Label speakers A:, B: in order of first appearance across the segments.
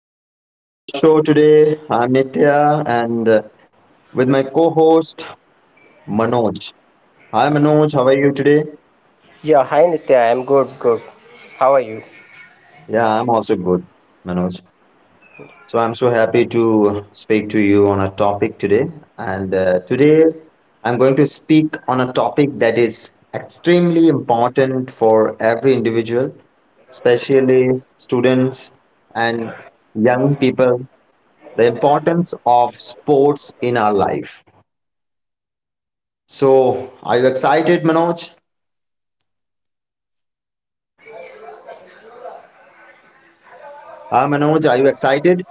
A: welcome back to our show today. I'm Nitya and with my co host Manoj. Hi Manoj, how are you today?
B: Yeah, hi Nitya, I'm good, good. How are you?
A: Yeah, I'm also good, Manoj. So I'm so happy to speak to you on a topic today. And today I'm going to speak on a topic that is extremely important for every individual, especially students and young people, the importance of sports in our life. So, are you excited, Manoj? Manoj, are you excited?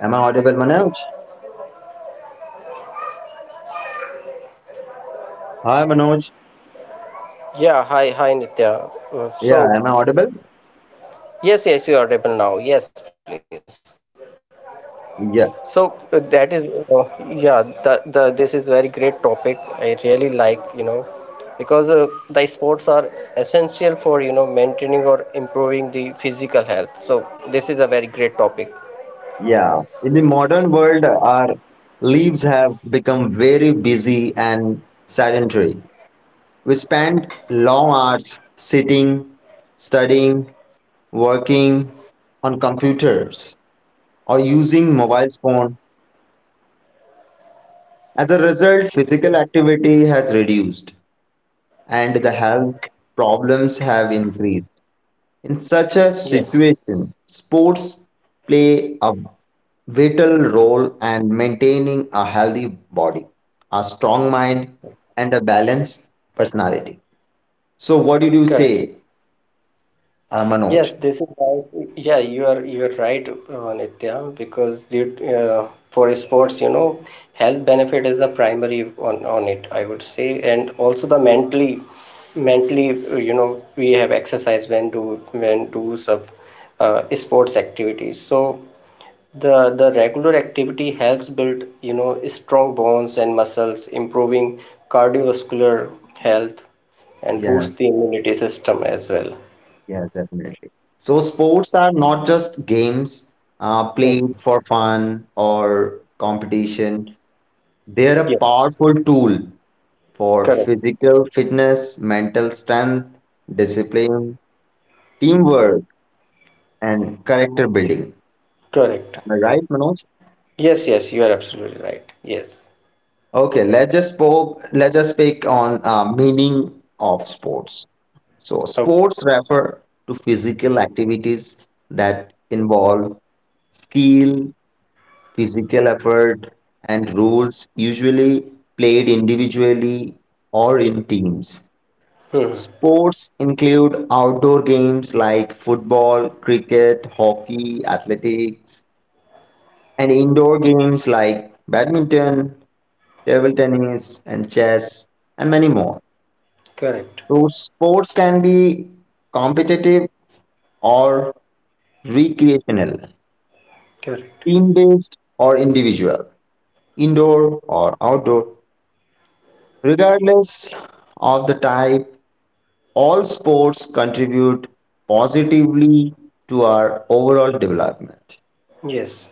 A: Am I audible, Manoj? Manoj,
B: Yeah, hi Nitya.
A: am I audible?
B: Yes, yes, you are able now. Yes, please. So
A: Yeah,
B: that is, uh, yeah, the This is very great topic. I really like, because the sports are essential for, maintaining or improving the physical health. So this is a very great topic.
A: yeah. In the modern world, our lives have become very busy and sedentary. We spend long hours sitting, studying, working on computers, or using mobile phone. As a result, physical activity has reduced, and the health problems have increased. In such a
B: Yes,
A: situation, sports play a vital role in maintaining a healthy body, a strong mind, and a balanced personality. So, what did you
B: correct.
A: say,
B: Yes,
A: Manoj?
B: this is why. Yeah, you are right, Nitya. Because for sports, health benefit is the primary on it, I would say, and also the mentally, uh, you know, we have exercise when do sub sports activities. So the regular activity helps build, strong bones and muscles, improving cardiovascular health, and
A: Yeah,
B: boost the immunity system as well.
A: yeah, definitely. So, sports are not just games played
B: So,
A: for fun or competition, they are a
B: yeah.
A: powerful tool for
B: Correct,
A: physical fitness, mental strength, discipline, teamwork and character building.
B: correct.
A: Am I right, Manoj?
B: Yes, yes, you are absolutely right. Yes.
A: Okay, let's just speak on meaning of sports. So
B: Oh,
A: sports refer to physical activities that involve skill, physical effort, and rules, usually played individually or in teams.
B: hmm.
A: Sports include outdoor games like football, cricket, hockey, athletics, and indoor games like badminton, table tennis, and chess, and many more.
B: Correct,
A: So, sports can be competitive or recreational,
B: correct.
A: team based or individual, indoor or outdoor. Regardless of the type, all sports contribute positively to our overall development.
B: Yes,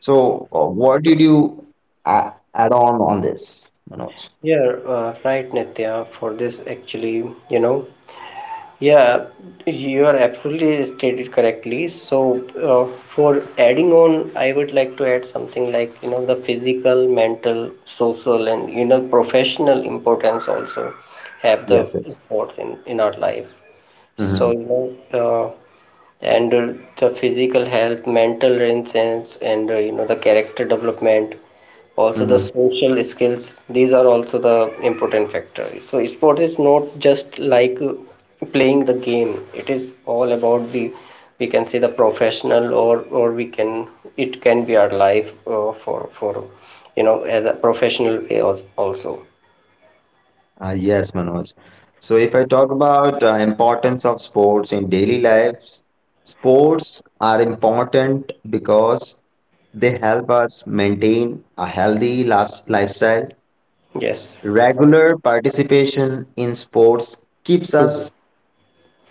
A: So, what did you add on this, Manoj?
B: you're right, Nitya, for this actually, you know. Yeah, you are absolutely stated correctly. So, for adding on, I would like to add something like, you know, the physical, mental, social, and, you know, professional importance also have
A: Yes,
B: the
A: yes.
B: importance in our life. So,
A: hmm
B: you know, uh, and the physical health, mental renaissance, and, you know, the character development, also the
A: hmm
B: social skills, these are also the important factors. So, sports is not just like playing the game, it is all about the professional or we can it can be our life for you know as a professional way also.
A: yes, Manoj. So if I talk about importance of sports in daily life, sports are important because they help us maintain a lifestyle.
B: Yes.
A: Regular participation in sports keeps
B: Mhm.
A: us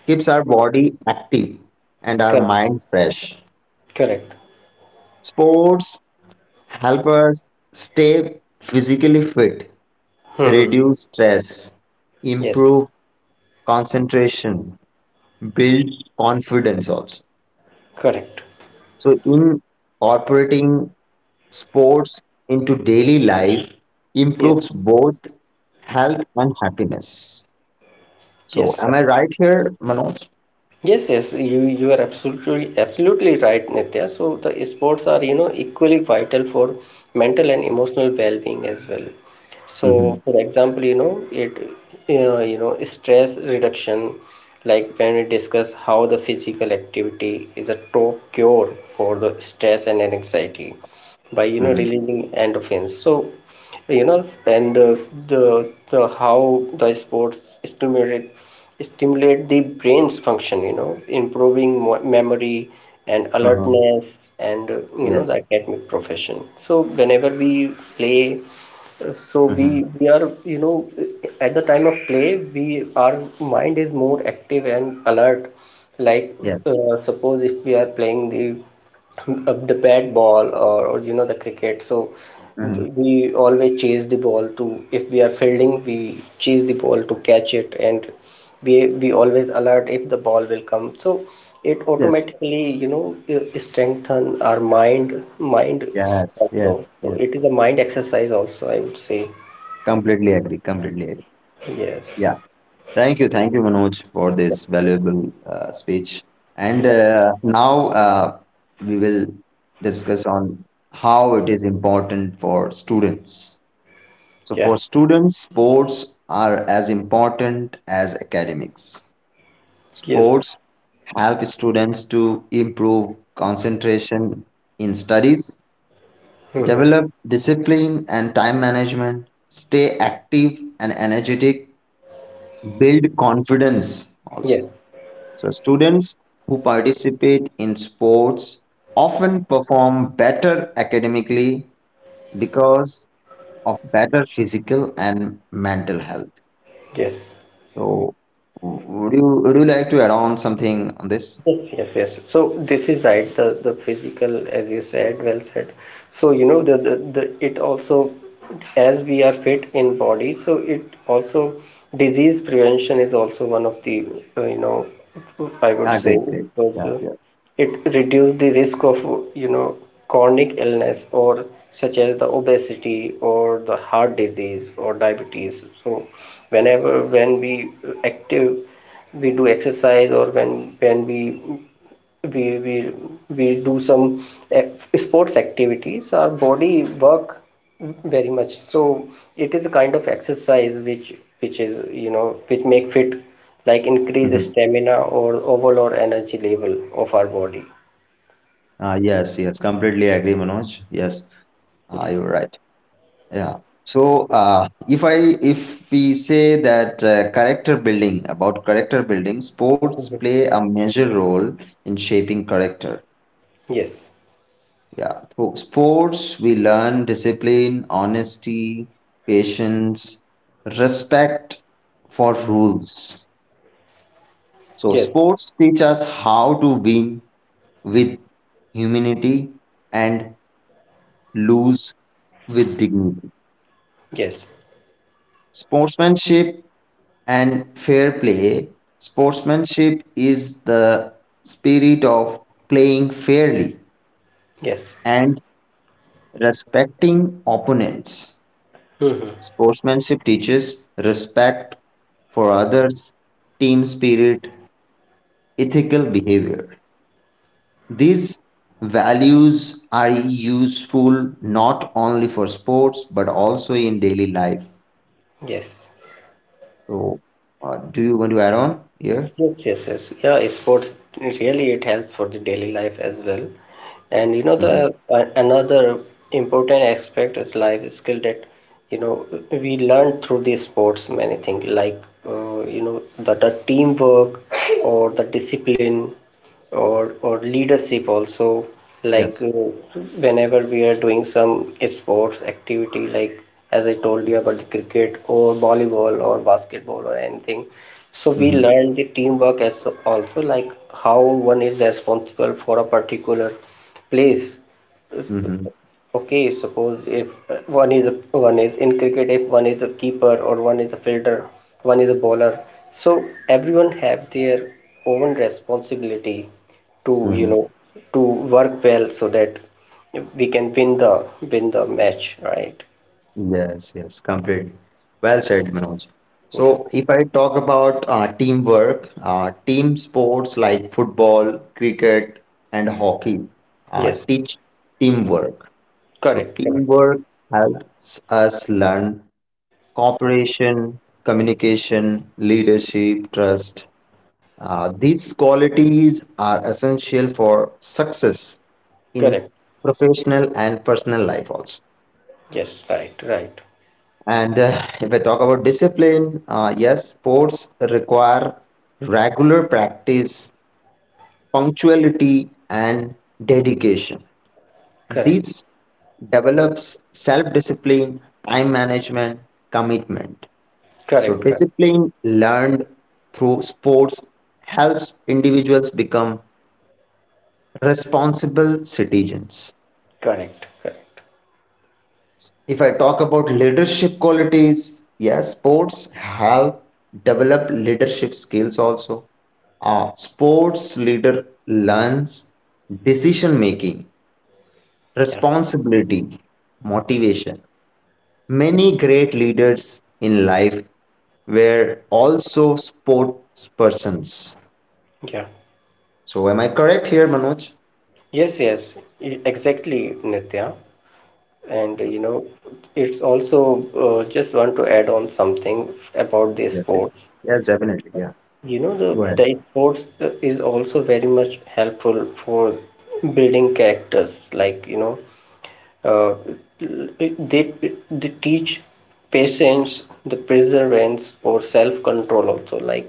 A: keeps our body active and our
B: Correct,
A: mind fresh.
B: correct.
A: Sports help us stay physically fit,
B: Hmm.
A: reduce stress,
B: Yes,
A: improve concentration, build confidence also.
B: correct.
A: So, incorporating sports into daily life
B: Yeah.
A: improves both health and happiness.
B: Yes,
A: Am
B: right.
A: I right here, Manoj?
B: Yes, you are absolutely right, Nitya. So the sports are, you know, equally vital for mental and emotional well-being as well.
A: Mm-hmm.
B: So, for example, you know, you know, stress reduction, like when we discuss how the physical activity is a top cure for the stress and anxiety by, you know,
A: Mm-hmm.
B: releasing endorphins. So, you know and the how the sports stimulate the brain's function, you know, improving memory and
A: Uh-huh.
B: alertness, and you know, the
A: Yes.
B: academic profession. So whenever we play, uh, so we
A: Mm-hmm.
B: we are, you know, at the time of play we our mind is more active and alert. Like,
A: Yes.
B: suppose if we are playing the of the bat ball, or you know, the cricket. So we always chase the ball to, if we are fielding, we chase the ball to catch it, and we always alert if the ball will come. So it automatically, you know, strengthen our mind
A: Yes.
B: also. So it is a mind exercise also, I would say.
A: Completely agree. Completely agree.
B: Yes.
A: Thank you. Thank you, Manoj, for this valuable speech. And
B: Yeah,
A: now we will discuss on how it is important for students.
B: yeah.
A: Students' sports are as important as academics.
B: Yes.
A: Help students to improve concentration in studies,
B: Hmm.
A: develop discipline and time management, stay active and energetic, build confidence
B: Yes.
A: also. Students who participate in sports often perform better academically because better physical and mental health.
B: Yes.
A: So would you like to add on something on this?
B: Yes, yes, yes. So this is right, the physical, as you said, well said. So you know the it also, as we are fit in body, so it also, disease prevention is also one of the, you know, I would say, because it reduces the risk of, you know, chronic illness, or such as the obesity or the heart disease or diabetes. So whenever, when we active, we do exercise, or when we we, we do some eh, sports activities, our body work very much. So it is a kind of exercise which, is, you know, which make fit, like increase stamina or overall energy level of our body.
A: Yes, yes, completely agree, Manoj. Yes,
B: Yes.
A: you're right. Yeah. So, if we say that character building about character building, sports
B: Mhm.
A: play a major role in shaping character.
B: Yes.
A: Yeah. Through sports, we learn discipline, honesty, patience, respect for rules.
B: Yes.
A: Sports teach us how to win with humanity and lose with dignity.
B: Yes.
A: Sportsmanship and fair play. Sportsmanship is the spirit of playing fairly
B: Yes.
A: and respecting opponents.
B: Hmm.
A: Sportsmanship teaches respect for others, team spirit, ethical behavior. These values are useful not only for sports but also in daily life.
B: Yes.
A: So, do you want to add on here?
B: Yes, yes, yes. Yeah, sports really it helps for the daily life as well. And you know the, another important aspect is life skill that, you know, we learn through the sports many things, like, you know, the teamwork, or the discipline, or leadership also. Like, whenever we are doing some sports activity, like, as I told you about the cricket or volleyball or basketball or anything, so we learn the teamwork as also, like how one is responsible for a particular place. Okay, suppose if, one is in cricket, if one is a keeper or one is a fielder, one is a bowler. So everyone have their own responsibility to, you know, to work well so that we can win the match, right?
A: Yes, yes, completely. Well said, Manoj.
B: Yeah.
A: If I talk about teamwork, team sports like football, cricket, and hockey,
B: Yes.
A: teamwork.
B: Correct. Correct.
A: Teamwork helps us learn cooperation, communication, leadership, trust. These qualities are essential for success in
B: Correct.
A: professional and personal life also.
B: Yes. Right. Right.
A: And if I talk about discipline, yes, sports require regular practice, punctuality, and dedication.
B: Correct.
A: This develops self discipline, time management, commitment. So,
B: Correct. Correct.
A: discipline learned through sports helps individuals become responsible citizens.
B: Correct, correct.
A: If I talk about leadership qualities, yes, sports help develop leadership skills also. A sports leader learns decision making,
B: Yeah,
A: responsibility, motivation. Many great leaders in life were also sports persons.
B: yeah.
A: So, am I correct here, Manoj?
B: Yes, yes, exactly, Nitya. And, you know, it's also, just want to add on something about the sports.
A: Yes, definitely.
B: You know, the sports, is also very much helpful for building characters. Like, you know, uh, they they teach patience, the perseverance, or self-control also. Like,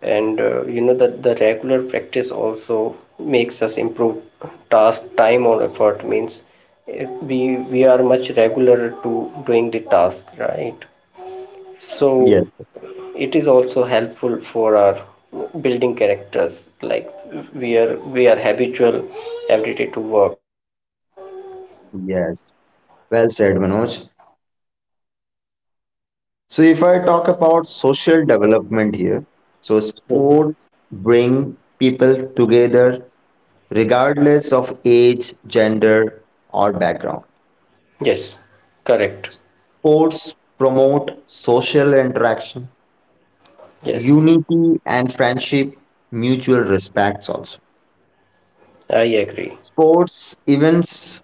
B: and, you know that the regular practice also makes us improve task time or effort. Means, if we are much regular to doing the task right, so it is also helpful for our building characters, like we are habitual every day to work.
A: Yes, well said, Manoj. So,
B: Yes.
A: if I talk about social development here, so
B: Okay.
A: bring people together regardless of age, gender, or background.
B: Yes. Correct.
A: Sports promote social interaction,
B: Yes.
A: unity, and friendship, mutual respects also.
B: I agree.
A: Sports events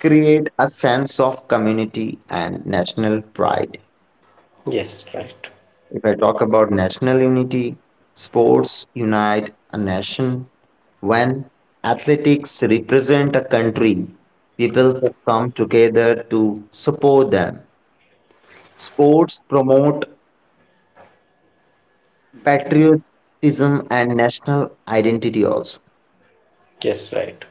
A: create a sense of community and national pride.
B: Yes. Right.
A: If I talk about national unity, sports unite a nation. When athletics represent a country, people come together to support them. Sports promote patriotism and national identity also.
B: Yes. Right.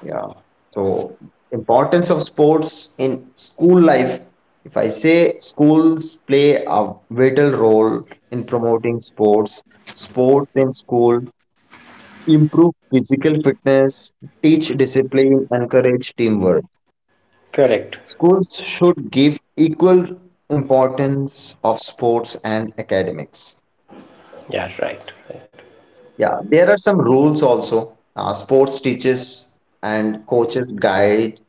A: Yeah. So importance of sports in school life. If I say schools play a vital role in promoting sports, sports in school improve physical fitness, teach discipline, encourage teamwork. Schools should give equal importance of sports and academics.
B: Yeah, right, right.
A: Yeah, there are some rules also. Sports teachers and coaches guide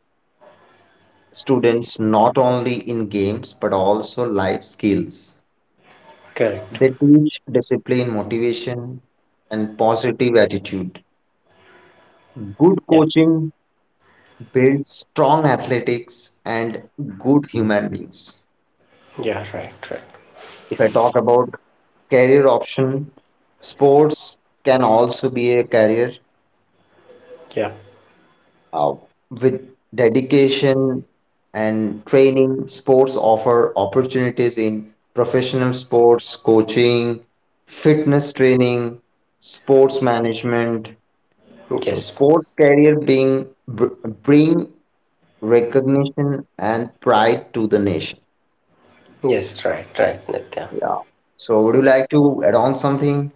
A: students not only in games but also life skills.
B: Correct.
A: They teach discipline, motivation, and positive attitude. Good
B: Yeah,
A: coaching build strong athletics and good human beings.
B: yeah, right, right.
A: If I talk about career option, sports can also be a career
B: Yeah.
A: uh, with dedication and training. Sports offer opportunities in professional sports, coaching, fitness training, sports management. So,
B: Yes,
A: sports career bring recognition and pride to the nation.
B: yes, right, right, Nitya.
A: Yeah. So would you like to add on something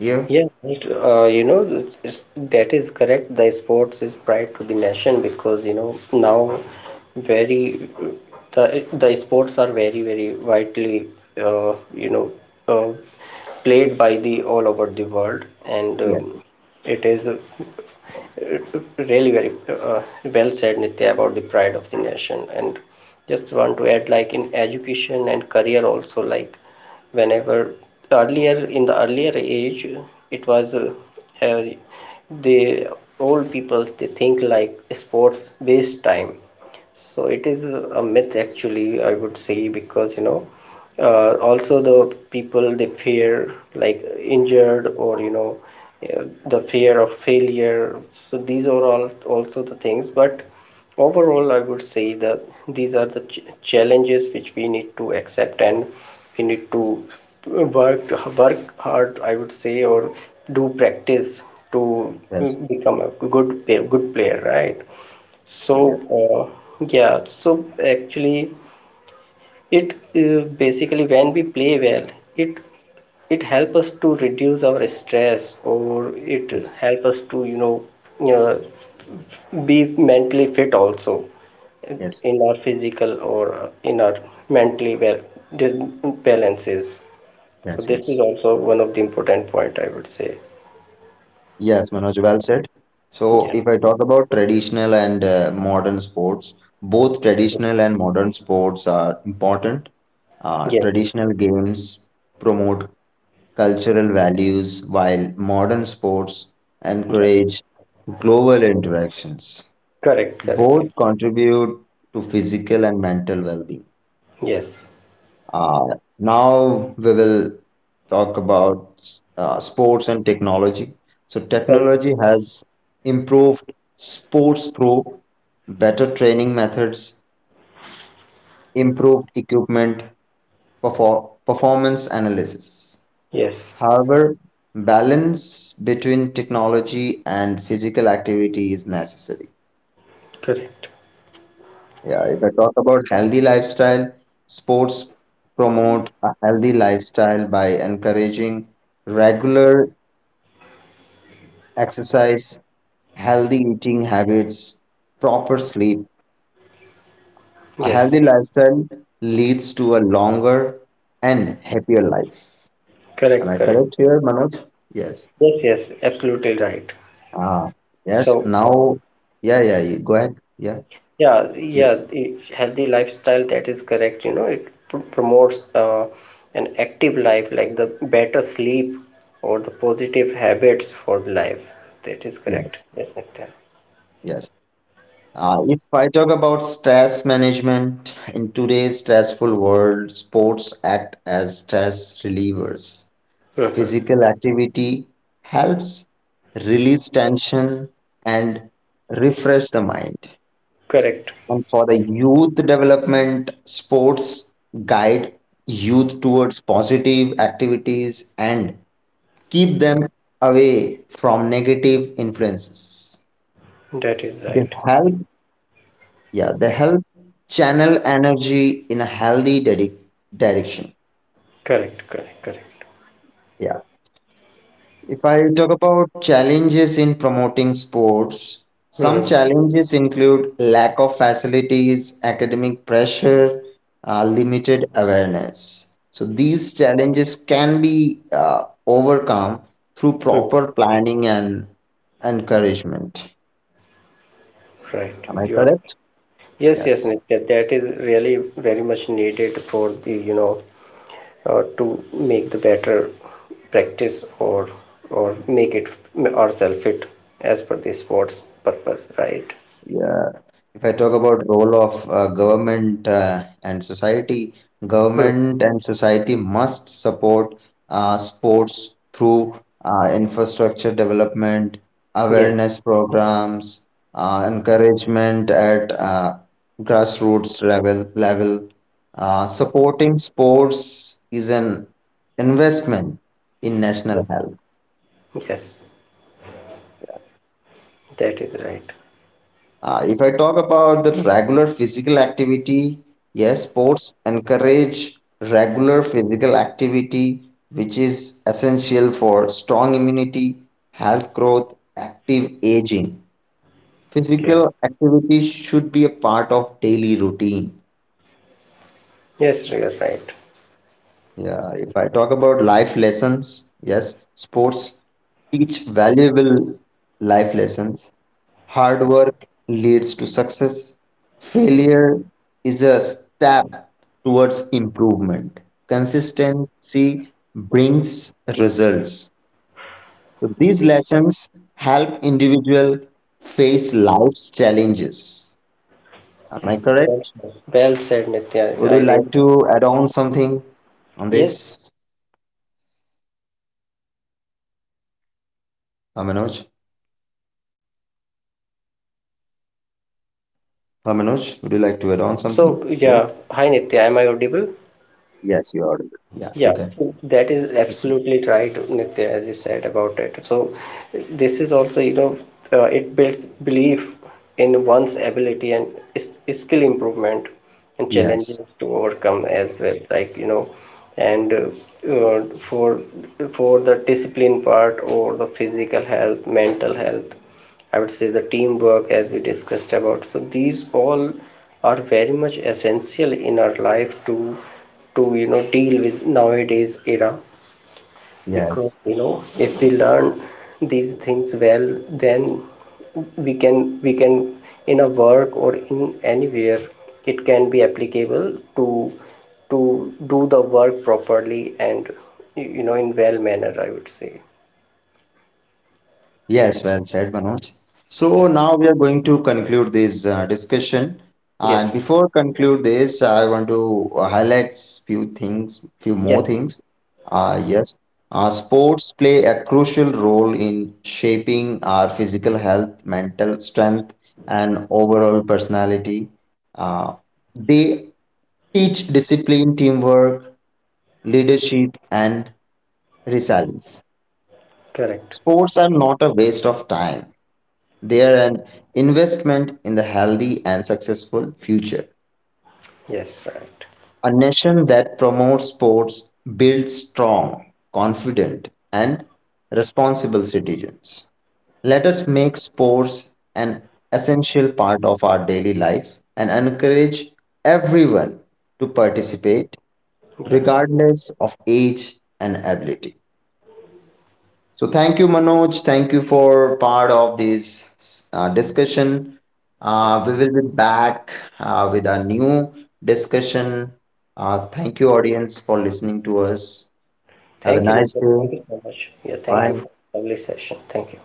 A: here?
B: Yeah, right. You know, it's, that is correct. The sports is pride to the nation because, you know, now, very the sports are very widely, uh, you know uh, played by the all over the world, and
A: Yes.
B: it is, really very, well said, Nitya, about the pride of the nation, and just want to add like in education and career also, like whenever, earlier, in the earlier age it was, uh, the old peoples they think like sports based time. So it is a myth, actually, I would say, because, you know, also the people they fear like injured, or, you know, the fear of failure. So these are all also the things. But overall, I would say that these are the challenges which we need to accept, and we need to work work hard, I would say, or do practice to
A: Yes.
B: become a good player, right? So,
A: Yes.
B: yeah, so actually it, basically when we play well, it it help us to reduce our stress, or it
A: Yes.
B: help us to, you know, uh, be mentally fit also,
A: Yes.
B: in our physical, or, in our mentally well balances. So
A: Yes.
B: this is
A: Yes.
B: also one of the important point, I would say.
A: Yes. Manoj, well said. So
B: Yeah.
A: if I talk about traditional and modern sports, both traditional and modern sports are important.
B: Yes. Yeah.
A: Traditional games promote cultural values while modern sports encourage global interactions.
B: Correct. Correct.
A: Both
B: Correct.
A: contribute to physical and mental well-being.
B: Yes.
A: Now we will talk about sports and technology. So,
B: Okay.
A: technology has improved sports through better training methods, improved equipment, performance analysis.
B: Yes.
A: However, balance between technology and physical activity is necessary.
B: Correct.
A: Yeah, if I talk about healthy lifestyle, sports promote a healthy lifestyle by encouraging regular exercise, healthy eating habits, proper sleep. A healthy
B: Yes.
A: lifestyle leads to a longer and happier life. Am
B: Correct.
A: I
B: Correct.
A: correct here, Manoj? Yes.
B: Yes. Yes. Absolutely right.
A: Ah, yes.
B: So,
A: Now, yeah, yeah. Go ahead. Yeah.
B: yeah, yeah, the healthy lifestyle, that is correct. You know, it pr promotes, an active life, like the better sleep or the positive habits for the life. That is correct.
A: Yes.
B: Yes, Nitya.
A: Yes. If I talk about stress management in today's stressful world, sports act as stress relievers.
B: Hmm.
A: Physical activity helps release tension and refresh the mind.
B: Correct.
A: And for the youth development, sports guide youth towards positive activities and keep them away from negative influences.
B: That is
A: They
B: right.
A: help Yeah, they help channel energy in a healthy direction.
B: Correct, correct, correct.
A: Yeah. If I talk about challenges in promoting sports, some
B: Hmm.
A: challenges include lack of facilities, academic pressure, limited awareness. So these challenges can be overcome through
B: Hmm.
A: proper planning and encouragement.
B: Right.
A: Am I
B: You are right.
A: correct?
B: Yes, yes,
A: Yes.
B: Nitya. That is really very much needed for the, you know, to make the better practice, or make it ourselves fit as per the sports purpose, right?
A: Yeah. If I talk about role of government and society,
B: Hmm.
A: government and society must support sports through infrastructure development,
B: Yes.
A: awareness programs, encouragement at grassroots level. Supporting sports is an investment in
B: Yeah.
A: national health.
B: Yes. That is right.
A: If I talk about the regular physical activity, yes, sports encourage regular physical activity, which is essential for strong immunity, health growth, active aging.
B: Yeah.
A: Physical activity should be a part of daily routine.
B: Yes, you are right.
A: Yeah, if I talk about life lessons, yes, sports teach valuable life lessons. Hard work leads to success. Failure is a step towards improvement. Consistency brings results. So these lessons help individual face life's challenges. Am I
B: Yeah, well
A: correct?
B: said. Well said, Nitya.
A: Would you
B: I
A: like
B: really,
A: to add on something on
B: yes,
A: this,
B: right, Nitya. So, you know, for, if we talk about this is
A: Manoj?
B: something, yeah, I'm so sorry.
A: Manoj, would you like to add on
B: So,
A: something here?
B: yeah, hi Nitya, am I audible?
A: Yes, you are. Yeah, you
B: Yeah,
A: can.
B: so that is
A: That's it.
B: absolutely right, Nitya, as you said about it. So this is also, you know, it builds belief in one's ability, and is skill improvement and
A: Yes,
B: challenges to overcome as well. Like, you know, and for the discipline part, or the physical health, mental health. I would say the teamwork, as we discussed about. So these all are very much essential in our life to, you know, deal with nowadays era, because,
A: yes.
B: you know, if we learn these things well, then we can, in a work or in anywhere, it can be applicable to, to do the work properly, and, you know, in well manner, I would say.
A: Yes, well said, Manoj. So
B: Yeah.
A: now we are going to conclude this discussion. And
B: Yes.
A: before conclude this, I want to highlight few things, few
B: Yes.
A: more things. Yes, sports play a crucial role in shaping our physical health, mental strength, and overall personality. Uh, they teach discipline, teamwork, leadership, and resilience.
B: Correct.
A: Sports are not a waste of time, they are an investment in the healthy and successful future.
B: Yes. Right.
A: A nation that promotes sports builds strong, confident, and responsible citizens. Let us make sports an essential part of our daily life and encourage everyone to participate
B: Yeah,
A: regardless of age and ability. So thank you, Manoj. Thank you for part of this discussion.
B: yeah.
A: We will be back with a new discussion. Thank you, audience, for listening to us. Have a
B: Thank you,
A: nice
B: Nitya.
A: day.
B: Thank you so much. Yeah, thank you
A: Bye.
B: for the lovely session. Thank you.